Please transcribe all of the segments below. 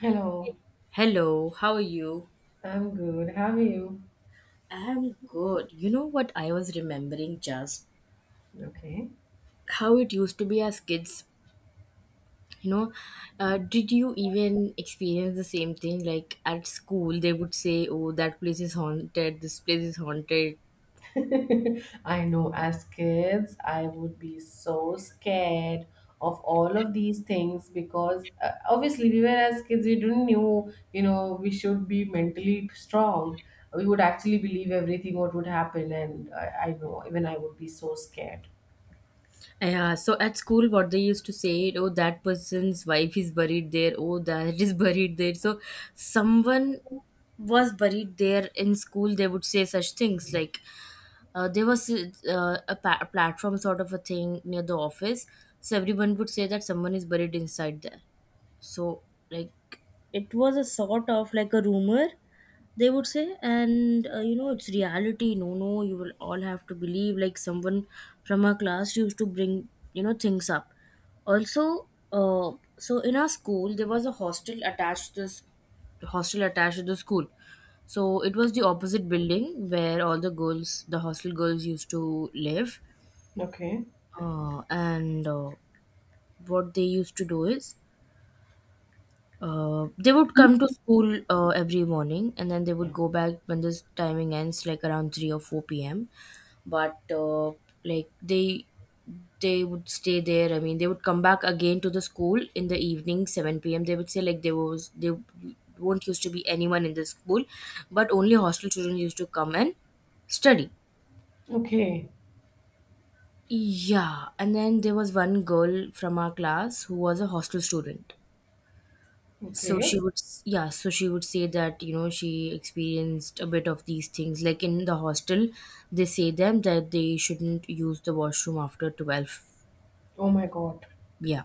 Hello, Hello, how are you? I'm good. How are you? I'm good. You know what I was remembering just Okay. how it used to be as kids. You know, did you even experience the same thing? Like at school, they would say, "Oh, that place is haunted. This place is haunted." I know as kids, I would be so scared of all of these things because obviously we were as kids, we didn't knew, you know, we should be mentally strong. We would actually believe everything what would happen, and I know even I would be so scared. Yeah. So at school, what they used to say, "Oh, that person's wife is buried there. Oh, that is buried there." So someone was buried there in school. They would say such things like there was a platform sort of a thing near the office. So everyone would say that someone is buried inside there. So, like, it was a sort of like a rumor they would say. And you know it's reality. No, no, you will all have to believe, like, someone from our class used to bring things up. Also, so in our school there was a hostel attached to this hostel attached to the school. So it was the opposite building where all the girls, the hostel girls, used to live. Okay. And what they used to do is, they would come to school every morning and then they would go back when this timing ends, like, around 3 or 4 p.m. But like, they would stay there. I mean, they would come back again to the school in the evening, 7 p.m. They would say, like, there was they won't used to be anyone in the school, but only hostel children used to come and study. Okay. Yeah. And then there was one girl from our class who was a hostel student. Okay. Yeah, so she would say that, you know, she experienced a bit of these things. Like, in the hostel, they say them that they shouldn't use the washroom after 12, Oh my God. yeah,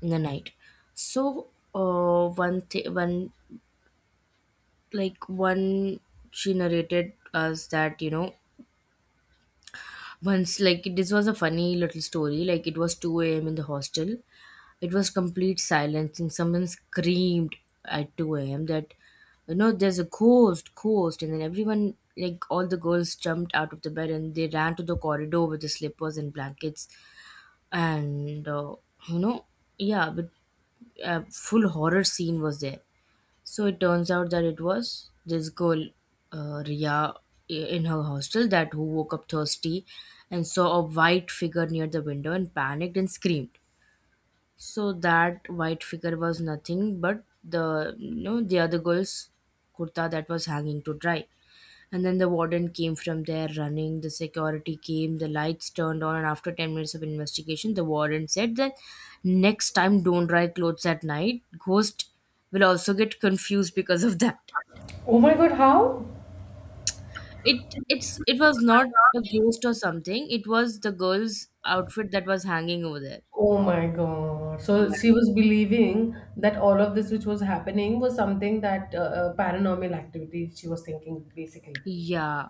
in the night. So, one, th- one, like one, she narrated us that, once, like, this was a funny little story. Like, it was 2 a.m. in the hostel. It was complete silence, and someone screamed at 2 a.m. that, there's a ghost, ghost. And then everyone, like, all the girls jumped out of the bed and they ran to the corridor with the slippers and blankets. And, you know, yeah, but a full horror scene was there. So it turns out that it was this girl, Ria, in her hostel that who woke up thirsty and saw a white figure near the window and panicked and screamed. So that white figure was nothing but the, the other girl's kurta that was hanging to dry. And then the warden came from there running, the security came, the lights turned on, and after 10 minutes of investigation, the warden said that next time don't dry clothes at night. Ghost will also get confused because of that. Oh my God, how? It was not a ghost or something. It was the girl's outfit that was hanging over there. Oh my God. So Yeah. she was believing that all of this which was happening was something that paranormal activity she was thinking basically. Yeah.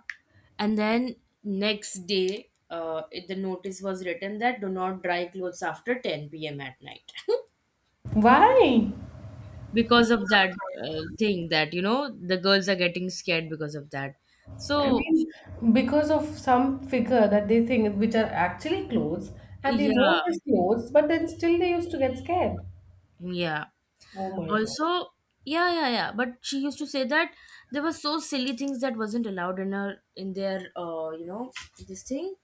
And then next day, the notice was written that do not dry clothes after 10 p.m. at night. Why? Because of that thing that, the girls are getting scared because of that. I So, mean, because of some figure that they think which are actually clothes and they know yeah, it is clothes, but then still they used to get scared. yeah. Oh my God. Also, yeah, yeah, yeah, but she used to say that there were so silly things that wasn't allowed in her, in their, this thing,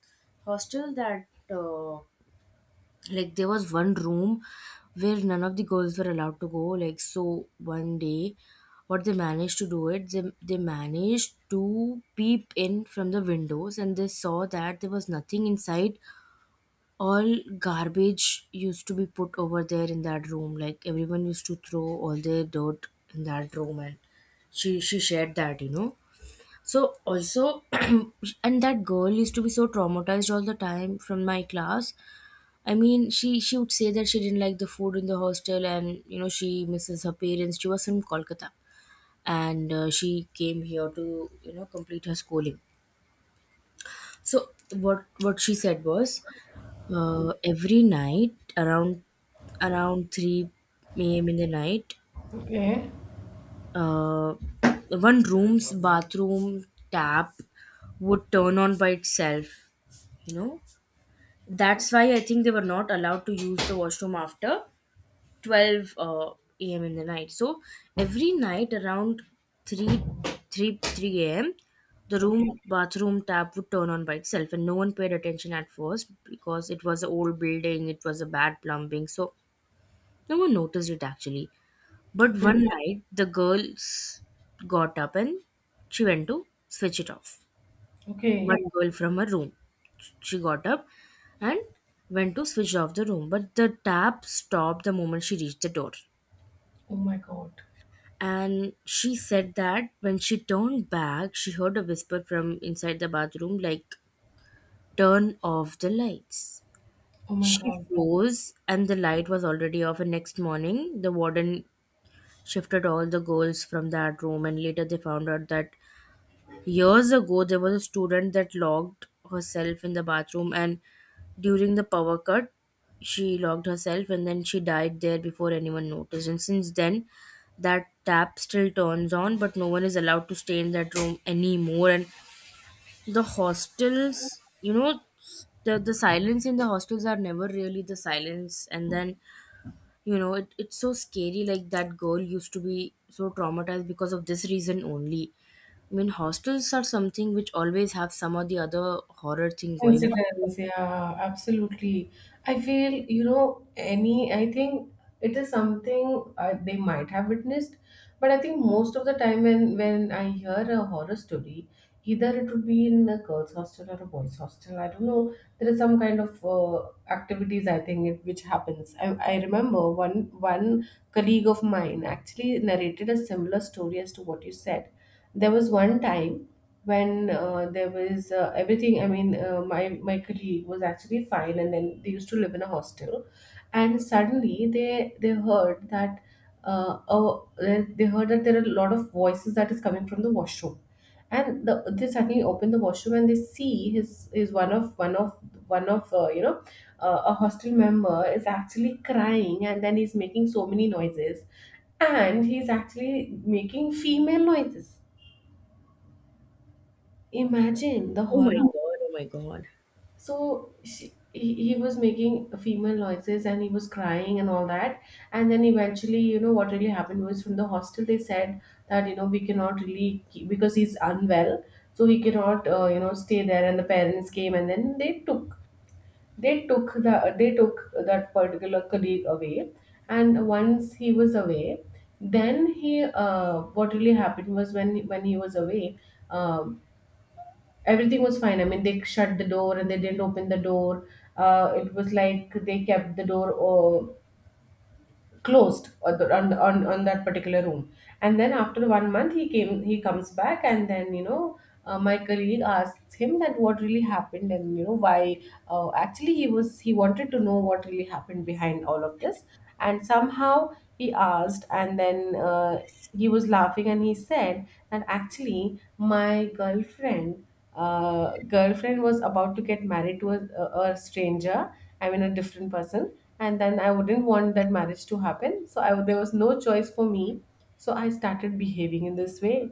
hostel. That, like, there was one room where none of the girls were allowed to go. Like, so one day, what they managed to do it, they managed to peep in from the windows and they saw that there was nothing inside. All garbage used to be put over there in that room. Like, everyone used to throw all their dirt in that room. And she shared that, so also and that girl used to be so traumatized all the time from my class. I mean, she would say that she didn't like the food in the hostel, and she misses her parents. She was from Kolkata, and she came here to complete her schooling. So what she said was, every night around 3 a.m. in the night, Okay. uh, one room's bathroom tap would turn on by itself. You know, that's why I think they were not allowed to use the washroom after 12 a.m. in the night. So every night around 3, three a.m. the Okay. room bathroom tap would turn on by itself and no one paid attention at first because it was an old building, it was a bad plumbing. So no one noticed it actually. But Okay. one night the girls got up and she went to switch it off. Okay. One girl from her room. She got up and went to switch off the room, but the tap stopped the moment she reached the door. Oh my God. And she said that when she turned back, she heard a whisper from inside the bathroom, like, turn off the lights. Oh my She God. froze, and the light was already off. And next morning, the warden shifted all the girls from that room, and later they found out that years ago, there was a student that locked herself in the bathroom, and during the power cut, she locked herself and then she died there before anyone noticed. And since then, that tap still turns on, but no one is allowed to stay in that room anymore. And the hostels, the silence in the hostels are never really the silence. And then it's so scary, like that girl used to be so traumatized because of this reason only. I mean, hostels are something which always have some or the other horror thing going on. Incidents, yeah, absolutely. I feel, you know, any, I think it is something they might have witnessed, but I think most of the time when I hear a horror story, either it would be in a girls' hostel or a boys' hostel. I don't know. There is some kind of activities I think it, which happens. I remember one colleague of mine actually narrated a similar story as to what you said. There was one time when there was everything. I mean, my colleague was actually fine, and then they used to live in a hostel, and suddenly they heard that oh, they heard that there are a lot of voices that is coming from the washroom, and the, they suddenly open the washroom and they see his is one of you know a hostel member is actually crying, and then he's making so many noises, and he's actually making female noises. Imagine the Oh my horror. god, oh my god. So she, he was making female noises and he was crying and all that. And then eventually, you know, what really happened was from the hostel, they said that, you know, we cannot really keep, because he's unwell, so he cannot, you know, stay there. And the parents came and then they took. They took the they took that particular colleague away, and once he was away, then he what really happened was when he was away, um, everything was fine. I mean, they shut the door and they didn't open the door. It was like they kept the door closed on, on that particular room. And then after 1 month, he came. He comes back, and then you know. My colleague asks him that what really happened and you know why actually he was he wanted to know what really happened behind all of this, and somehow he asked and then he was laughing and he said that actually my girlfriend, girlfriend was about to get married to a stranger, I mean, a different person, and then I wouldn't want that marriage to happen. So I, there was no choice for me. So I started behaving in this way.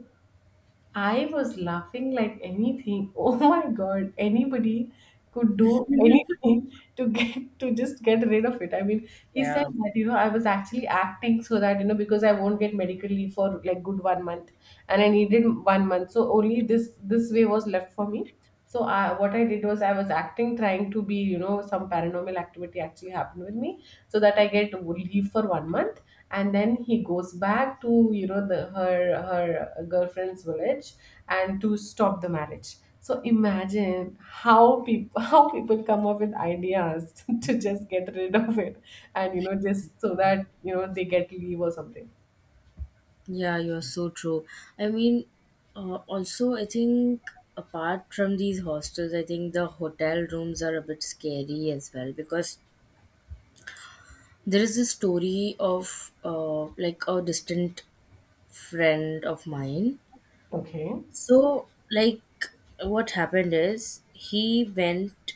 I was laughing like anything. Oh my god, anybody could do anything to get to just get rid of it. I mean, he said Yeah. that, you know, I was actually acting so that, you know, because I won't get medical leave for like good 1 month and I needed 1 month. So only this way was left for me. So I, what I did was I was acting, trying to be, you know, some paranormal activity actually happened with me so that I get leave for 1 month. And then he goes back to you know the her girlfriend's village and to stop the marriage. So imagine how people how people come up with ideas to just get rid of it and you know just so that you know they get leave or something. Yeah, you're so true. I mean, also, I think apart from these hostels I think the hotel rooms are a bit scary as well, because there is a story of, like, a distant friend of mine. Okay. So, like, what happened is he went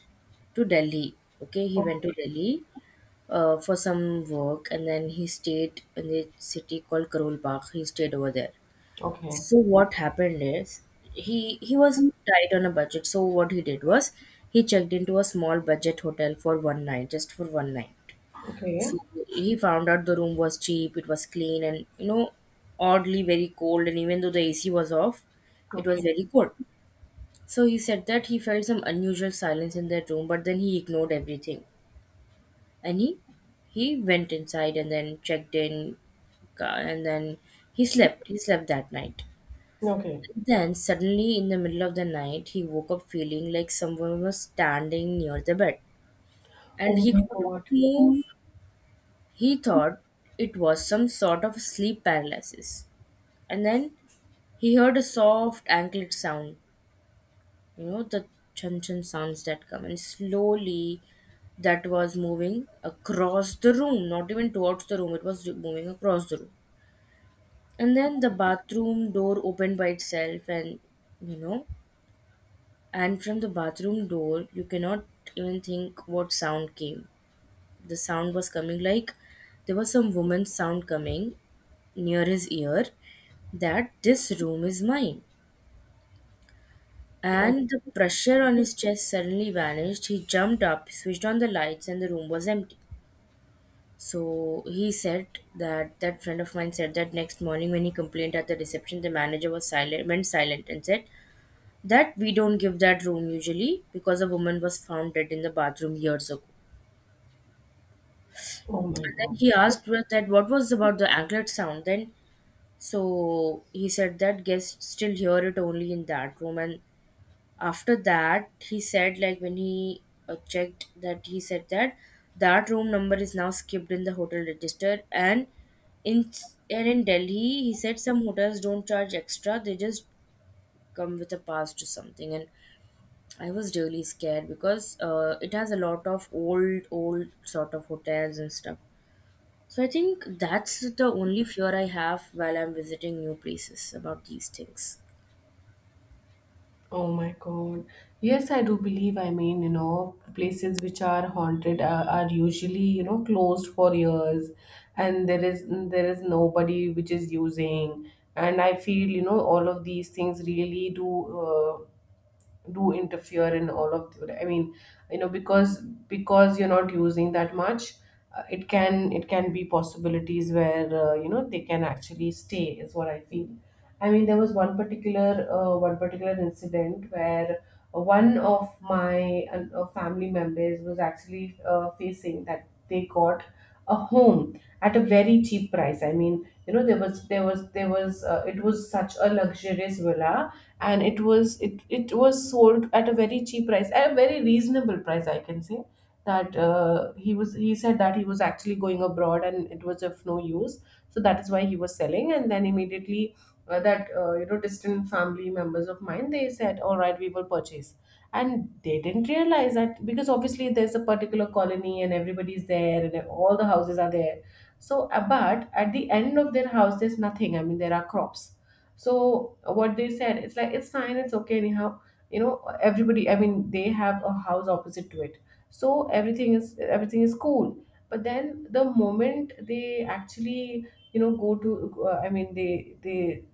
to Delhi. Okay, he went to O- Delhi for some work, and then he stayed in the city called Karol Bagh. He stayed over there. okay. So, what happened is he was tight on a budget. So, what he did was he checked into a small budget hotel for one night, just for one night. Okay. So he found out the room was cheap, it was clean, and, oddly very cold. And even though the AC was off, it was Okay. very cold. So he said that he felt some unusual silence in their room, but then he ignored everything. And he went inside and then checked in and then he slept. He slept that night. Okay. Then suddenly in the middle of the night he woke up feeling like someone was standing near the bed. And Oh he my could not god. move. He thought it was some sort of sleep paralysis. And then he heard a soft anklet sound, you know, the chun chun sounds that come, and slowly that was moving across the room, not even towards the room, it was moving across the room. And then the bathroom door opened by itself. And you know and from the bathroom door you cannot even think what sound came. The sound was coming, like, there was some woman's sound coming near his ear, that this room is mine. Oh, And the pressure on his chest suddenly vanished. He jumped up, switched on the lights, and the room was empty. So he said that, that friend of mine said that next morning when he complained at the reception, the manager was silent, went silent, and said that we don't give that room usually because a woman was found dead in the bathroom years ago. oh my And then god. he asked her that what was about the anklet sound. Then so he said that guests still hear it only in that room, and after that he said, like, when he checked that, he said that that room number is now skipped in the hotel register. And in and in Delhi, he said, some hotels don't charge extra, they just come with a pass to something. And I was really scared because, it has a lot of old, old sort of hotels and stuff. So I think that's the only fear I have while I'm visiting new places about these things. Oh my God. Yes, I do believe. I mean, you know, places which are haunted are usually, you know, closed for years and there is nobody which is using. And I feel, you know, all of these things really do do interfere in all of the, I mean you know because you're not using that much. It can it can be possibilities where you know they can actually stay is what I feel. I mean there was one particular incident where one of my family members was actually facing that they got a home at a very cheap price. I mean, you know, there was it was such a luxurious villa, and it it was sold at a very cheap price, at a very reasonable price I can say. That he was he said that he was actually going abroad and it was of no use, so that is why he was selling. And then immediately that you know distant family members of mine, they said all right we will purchase. And they didn't realize that, because obviously there's a particular colony and everybody's there and all the houses are there. So but at the end of their house there's nothing, I mean there are crops. So what they said, it's like it's fine, it's okay anyhow. You know, everybody, I mean, they have a house opposite to it, so everything is cool. But then the moment they actually, you know, go to I mean they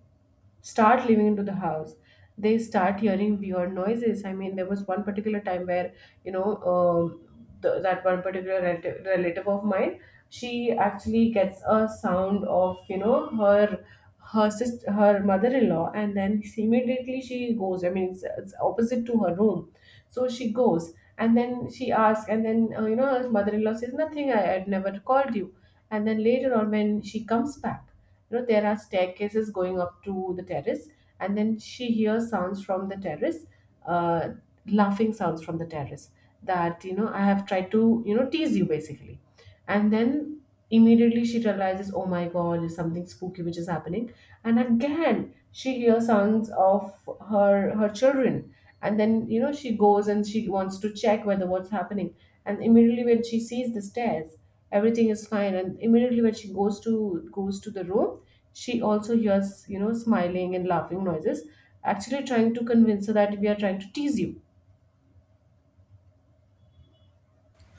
start living into the house, they start hearing weird noises. I mean there was one particular time where you know the, that one particular relative, relative of mine, she actually gets a sound of you know her, her sister, her mother-in-law. And then she immediately she goes, I mean it's opposite to her room, so she goes and then she asks and then you know her mother-in-law says nothing, I had never called you. And then later on when she comes back, you know there are staircases going up to the terrace, and then she hears sounds from the terrace, uh, laughing sounds from the terrace, that you know I have tried to you know tease you basically. And then immediately she realizes, oh my god, there's something spooky which is happening. And again, she hears sounds of her children. And then, you know, she goes and she wants to check whether what's happening. And immediately when she sees the stairs, everything is fine. And immediately when she goes to the room, she also hears, you know, smiling and laughing noises, actually trying to convince her that we are trying to tease you.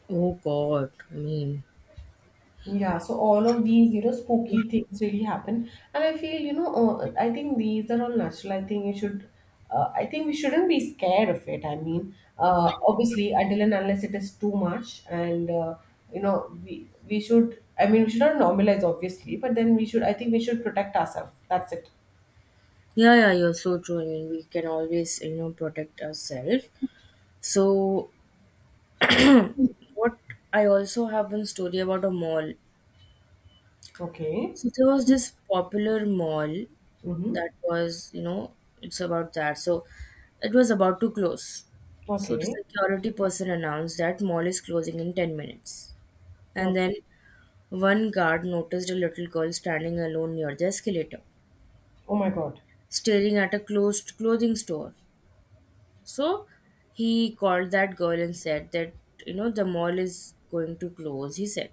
Oh God, I mean, Yeah, so all of these, you know, spooky things really happen. And I feel, you know, I think these are all natural. I think you should, I think we shouldn't be scared of it. I mean, obviously, until and unless it is too much, and, you know, we should, I mean, we should not normalize, obviously, but then we should, I think we should protect ourselves. That's it. yeah, yeah, you're so true. I mean, we can always, protect ourselves. So, what I also have one story about a mall. Okay. So, there was this popular mall Mm-hmm. that was, it's about that. So, it was about to close. So, the Okay. security person announced that mall is closing in 10 minutes. And Okay. then one guard noticed a little girl standing alone near the escalator, Oh my God. staring at a closed clothing store. So he called that girl and said that, the mall is going to close, he said.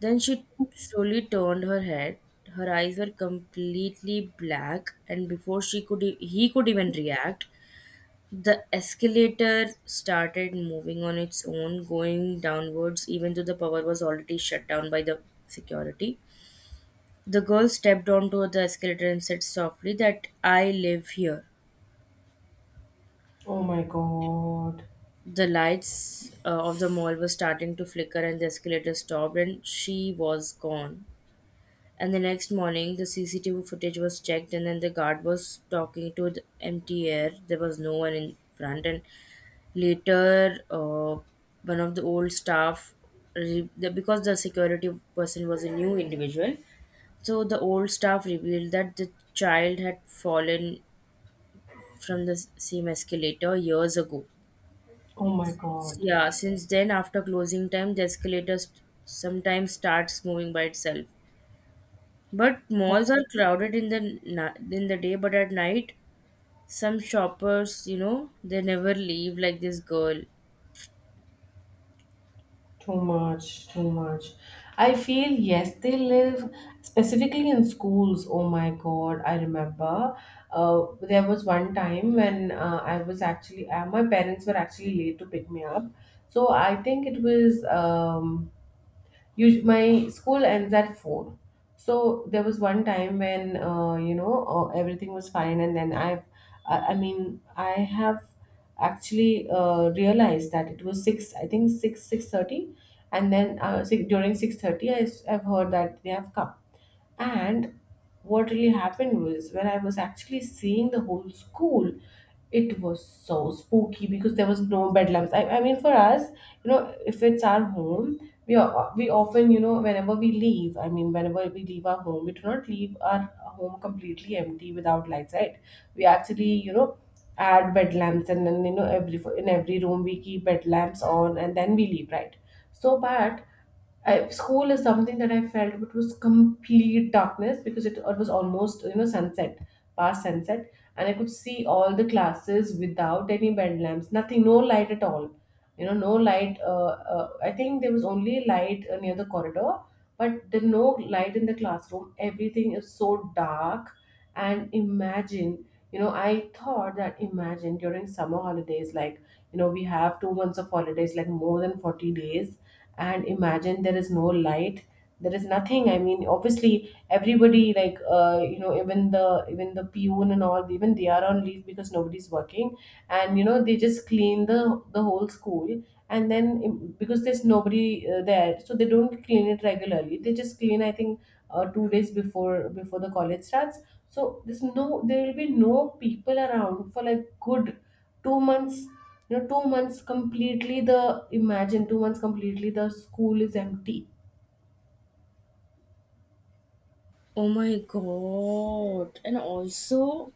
Then she slowly turned her head. Her eyes were completely black, and before he could even react, the escalator started moving on its own, going downwards, even though the power was already shut down by the security. The girl stepped onto the escalator and said softly that I live here. Oh my God. The lights of the mall were starting to flicker and the escalator stopped and she was gone. And the next morning, the CCTV footage was checked and then the guard was talking to the empty air. There was no one in front. And later, one of the old staff, because the security person was a new individual, so the old staff revealed that the child had fallen from the same escalator years ago. Oh my God. Yeah, since then, after closing time, the escalator sometimes starts moving by itself. But malls are crowded in the in the day, but at night, some shoppers, they never leave. Like this girl. Too much, too much. I feel yes, they live specifically in schools. Oh my God, I remember. There was one time when I was actually my parents were actually late to pick me up, so I think it was Usu my school ends at 4. So there was one time when, you know, everything was fine. And then I mean, I have actually realized that it was 6, I think 6, 6:30. And then six, during 6:30, I've heard that they have come. And what really happened was when I was actually seeing the whole school, it was so spooky because there was no bed lamps. I mean, for us, you know, if it's our home, we are, we often, you know, whenever we leave, I mean, whenever we leave our home, we do not leave our home completely empty without lights, right? We actually, you know, add bed lamps and then you know every in every room we keep bed lamps on and then we leave, right? So, but I, school is something that I felt it was complete darkness because it was almost you know sunset, past sunset, and I could see all the classes without any bed lamps, nothing, no light at all. You know, no light. I think there was only light near the corridor, but there no light in the classroom. Everything is so dark, and imagine. I thought that imagine during summer holidays, like, we have 2 months of holidays, like more than 40 days, and imagine there is no light, there is nothing. I mean, obviously everybody, like even the peon and all, even they are on leave because nobody's working. And they just clean the whole school. And then because there's nobody there, so they don't clean it regularly. They just clean, I think, 2 days before the college starts. So there will be no people around for like good 2 months. 2 months completely the imagine 2 months completely the school is empty. Oh my god! And also,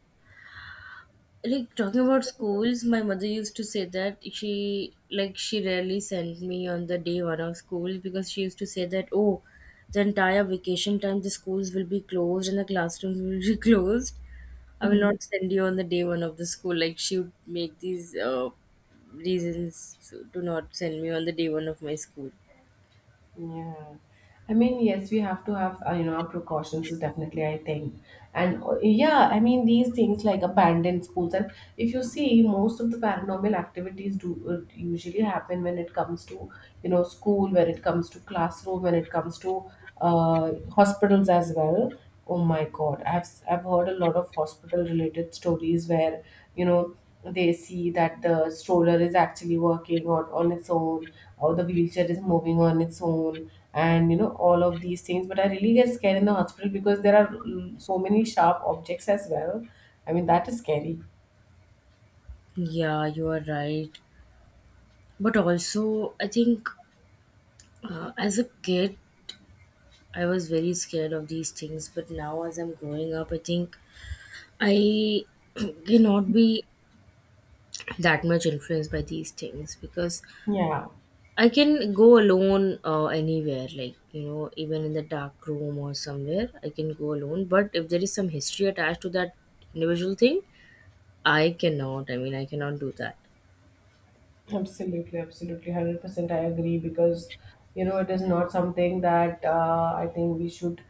like talking about schools, my mother used to say that she rarely sent me on the day one of school because she used to say that, oh, the entire vacation time the schools will be closed and the classrooms will be closed. I will Mhm. not send you on the day one of the school. Like she would make these reasons to not send me on the day one of my school. Yeah, I mean, yes, we have to have our precautions, is definitely, I think. And yeah, I mean, these things like abandoned schools, and if you see, most of the paranormal activities do usually happen when it comes to school, when it comes to classroom, when it comes to uh, hospitals as well. Oh my god, I've heard a lot of hospital related stories where you know they see that the stroller is actually working on its own, or the wheelchair is moving on its own, and all of these things. But I really get scared in the hospital because there are so many sharp objects as well. I mean, that is scary. Yeah, you are right. But also I think, as a kid, I was very scared of these things, but now as I'm growing up, I think I cannot be that much influenced by these things, because Yeah. I can go alone anywhere, like, even in the dark room or somewhere, I can go alone. But if there is some history attached to that individual thing, I cannot. I mean, I cannot do that. Absolutely, absolutely, 100% I agree, because it is not something that I think we should,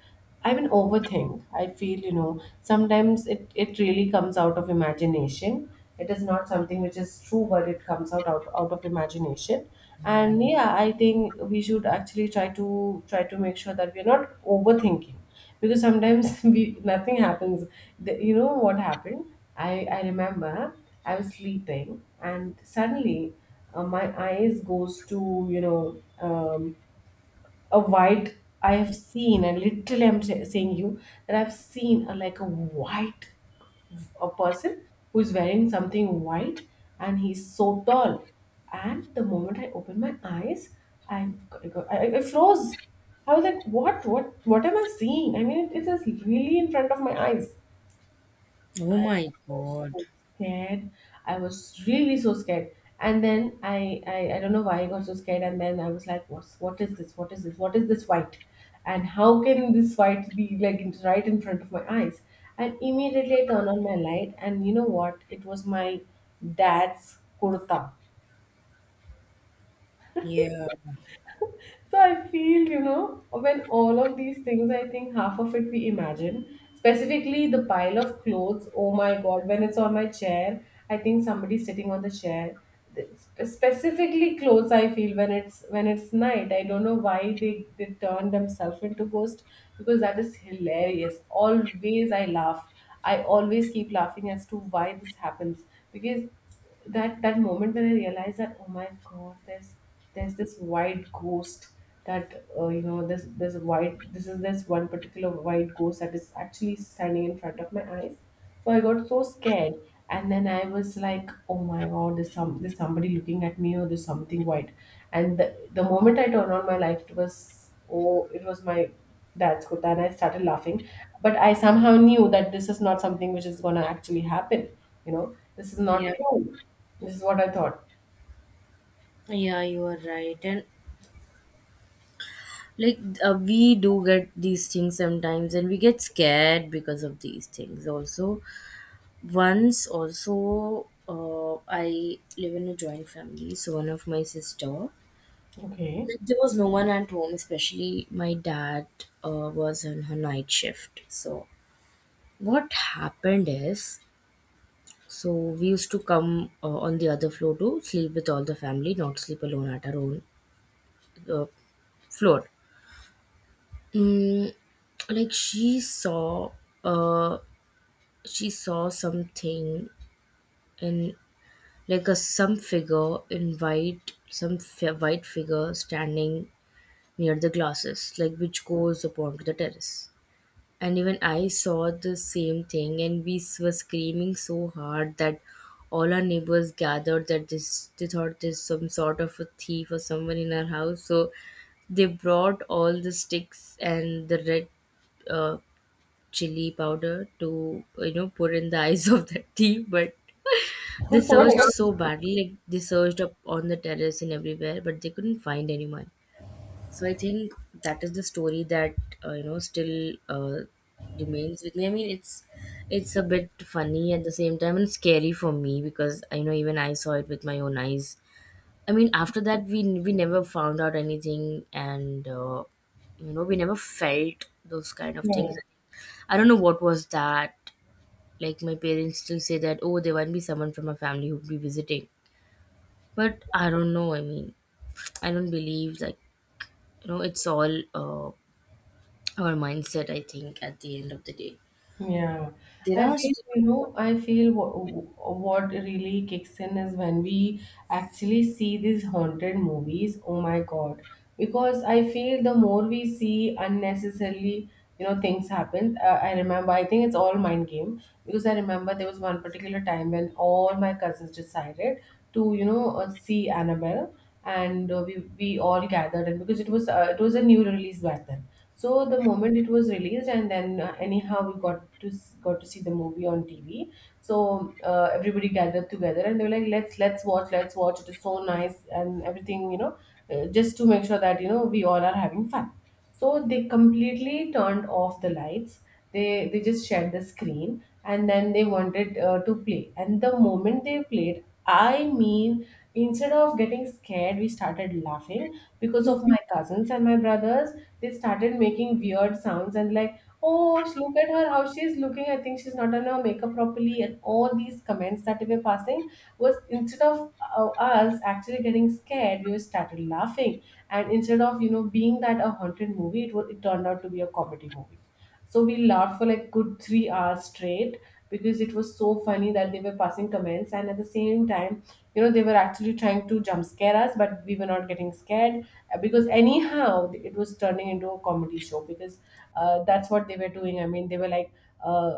I mean, overthink. I feel, sometimes it really comes out of imagination. It is not something which is true, but it comes out of imagination. And yeah, I think we should actually try to make sure that we are not overthinking, because sometimes we nothing happens. You know what happened? I remember. I was sleeping, and suddenly my eyes goes to a white. I have seen, and literally I'm saying you that I've seen, like a white, a person who is wearing something white, and he's so tall. And the moment I opened my eyes, I I froze. I was like, what am I seeing? I mean, it is really in front of my eyes. Oh my Was god. so scared. I was really so scared. And then I don't know why I got so scared. And then I was like, what is this? What is this? What is this white? And how can this white be like right in front of my eyes? And immediately I turned on my light, and you know what? It was my dad's kurta. Yeah. So I feel, when all of these things, I think half of it we imagine, specifically the pile of clothes. Oh my God, when it's on my chair, I think somebody's sitting on the chair. Specifically clothes, I feel, when it's night. I don't know why they turn themselves into ghost, because that is hilarious. Always I laugh. I always keep laughing as to why this happens, because that moment when I realized that, oh my god, there's this white ghost, that this one particular white ghost that is actually standing in front of my eyes. So I got so scared, and then I was like, oh my god, there's somebody looking at me, or there's something white. And the moment I turned on my light, it was my dad's kurta, and I started laughing. But I somehow knew that this is not something which is gonna actually happen, this is not Yeah, true. This is what I thought. yeah, you are right. And like, we do get these things sometimes and we get scared because of these things also. Once also, I live in a joint family, so one of my sister, Okay. like, there was no one at home, especially my dad, was on her night shift. So what happened is, so we used to come on the other floor to sleep with all the family, not sleep alone at our own uh, floor. Mm, like she saw, uh she saw something, and like a, some figure in white, some white figure standing near the glasses, like which goes upon to the terrace. And even I saw the same thing, and we were screaming so hard that all our neighbors gathered, that this, they thought there's some sort of a thief or someone in our house. So they brought all the sticks and the red uh, chili powder to, you know, put in the eyes of the tea. But they What searched so about. badly, like they searched up on the terrace and everywhere, but they couldn't find anyone. So I think that is the story that, you know still uh, remains with me. I mean, it's a bit funny at the same time and scary for me because I know, even I saw it with my own eyes. I mean, after that, we never found out anything, and you know, we never felt those kind of things. I don't know what was that. Like my parents still say that, oh, there might be someone from my family who'd be visiting, but I don't know. I mean, I don't believe, like, you know, it's all our mindset. I think at the end of the day, Yeah, there I are feel, still. you know, I feel what really kicks in is when we actually see these haunted movies. Oh my God. Because I feel the more we see unnecessarily, things happen. I remember, I think it's all mind game, because I remember there was one particular time when all my cousins decided to, see Annabelle, and we all gathered, and because it was a new release back then, so the moment it was released, and then anyhow we got to see the movie on TV. So everybody gathered together, and they were like, "Let's watch, let's watch. It is so nice, and everything, just to make sure that we all are having fun." So they completely turned off the lights. They just shared the screen, and then they wanted to play. And the moment they played, I mean, instead of getting scared, we started laughing, because of my cousins and my brothers. They started making weird sounds and like, oh, look at her, how she's looking. I think she's not on her makeup properly, and all these comments that we were passing was, instead of us actually getting scared, we were started laughing. And instead of being that a haunted movie, it turned out to be a comedy movie. So we laughed for like good 3 hours straight, because it was so funny that they were passing comments, and at the same time, they were actually trying to jump scare us, but we were not getting scared. Because anyhow it was turning into a comedy show, because that's what they were doing. I mean, they were like, uh,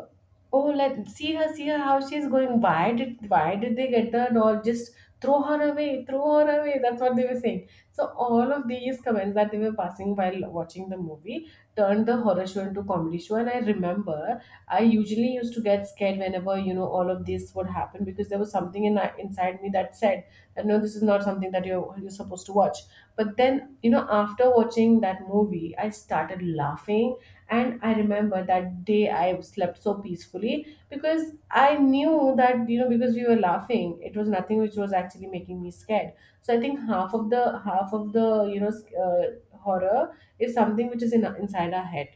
oh, let see her, see her, how she's going, why did they get the doll? Just throw her away, throw her away. That's what they were saying. So all of these comments that they were passing while watching the movie turned the horror show into comedy show. And I remember, I usually used to get scared whenever all of this would happen, because there was something in inside me that said that no, this is not something that you're supposed to watch. But then, after watching that movie, I started laughing. And I remember that day I slept so peacefully, because I knew that, because we were laughing, it was nothing which was actually making me scared. So I think half of the horror is something which is inside our head.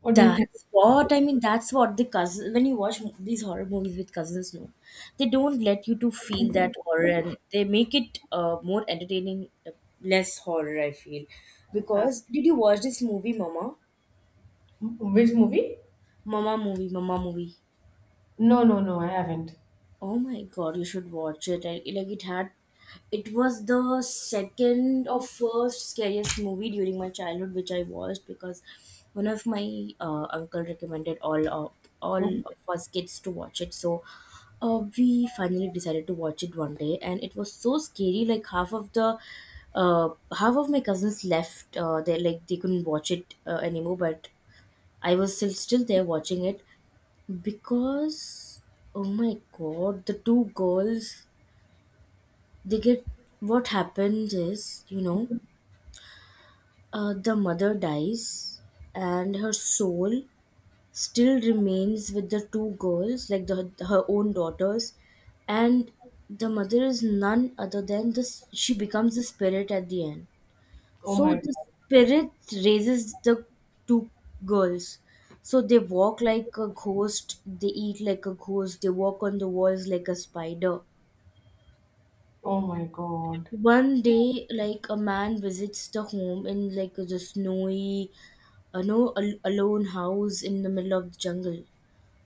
What do you think? That's what I mean. That's what the cousins. When you watch these horror movies with cousins, no, they don't let you to feel that horror, and they make it more entertaining, less horror. I feel, uh, because, did you watch this movie, Mama? which movie? Mama movie, Mama movie. No, no, no, I haven't. Oh my god, you should watch it. I, like it had, it was the second or first scariest movie during my childhood which I watched, because one of my uncle recommended all Mhm. of us kids to watch it. So we finally decided to watch it one day, and it was so scary, like half of the uh, half of my cousins left, they like they couldn't watch it anymore, but I was still there watching it, because, oh my god, the two girls, they get, what happens is, you know, the mother dies and her soul still remains with the two girls, like the, her own daughters, and the mother is none other than this, she becomes the spirit at the end. Oh So my the god. spirit raises the two girls. So they walk like a ghost, they eat like a ghost, they walk on the walls like a spider. Oh my god. One day, like a man visits the home in like the snowy, no, al- alone house in the middle of the jungle.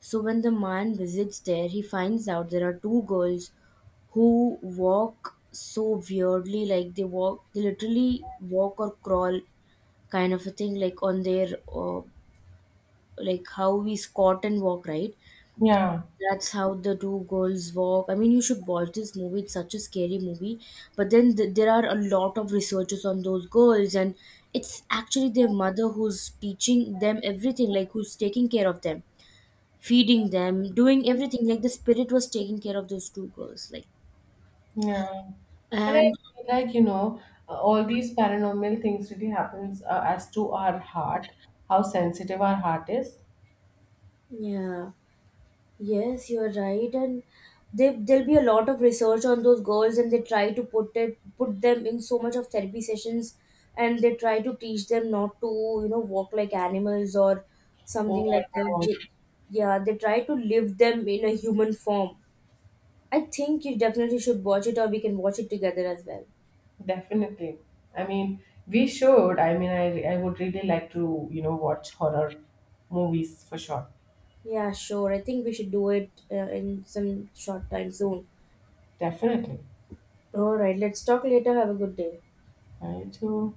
So when the man visits there, he finds out there are two girls who walk so weirdly, like they walk, they literally walk or crawl kind of a thing, like on their like how we squat and walk, right? Yeah. That's how the two girls walk. I mean, you should watch this movie. It's such a scary movie. But then there are a lot of researchers on those girls, and it's actually their mother who's teaching them everything, like who's taking care of them, feeding them, doing everything. Like the spirit was taking care of those two girls. Like, Yeah. And I and feel like, all these paranormal things really happens, as to our heart, how sensitive our heart is. yeah. Yes, you're right, and they, there'll be a lot of research on those girls, and they try to put them in so much of therapy sessions, and they try to teach them not to, you know, walk like animals or Oh something my like that. God, They- Yeah, they try to live them in a human form. I think you definitely should watch it, or we can watch it together as well. definitely. I mean, we should. I mean, I would really like to, watch horror movies for sure. Yeah, sure. I think we should do it in some short time soon. Definitely. All right, let's talk later. Have a good day. I too.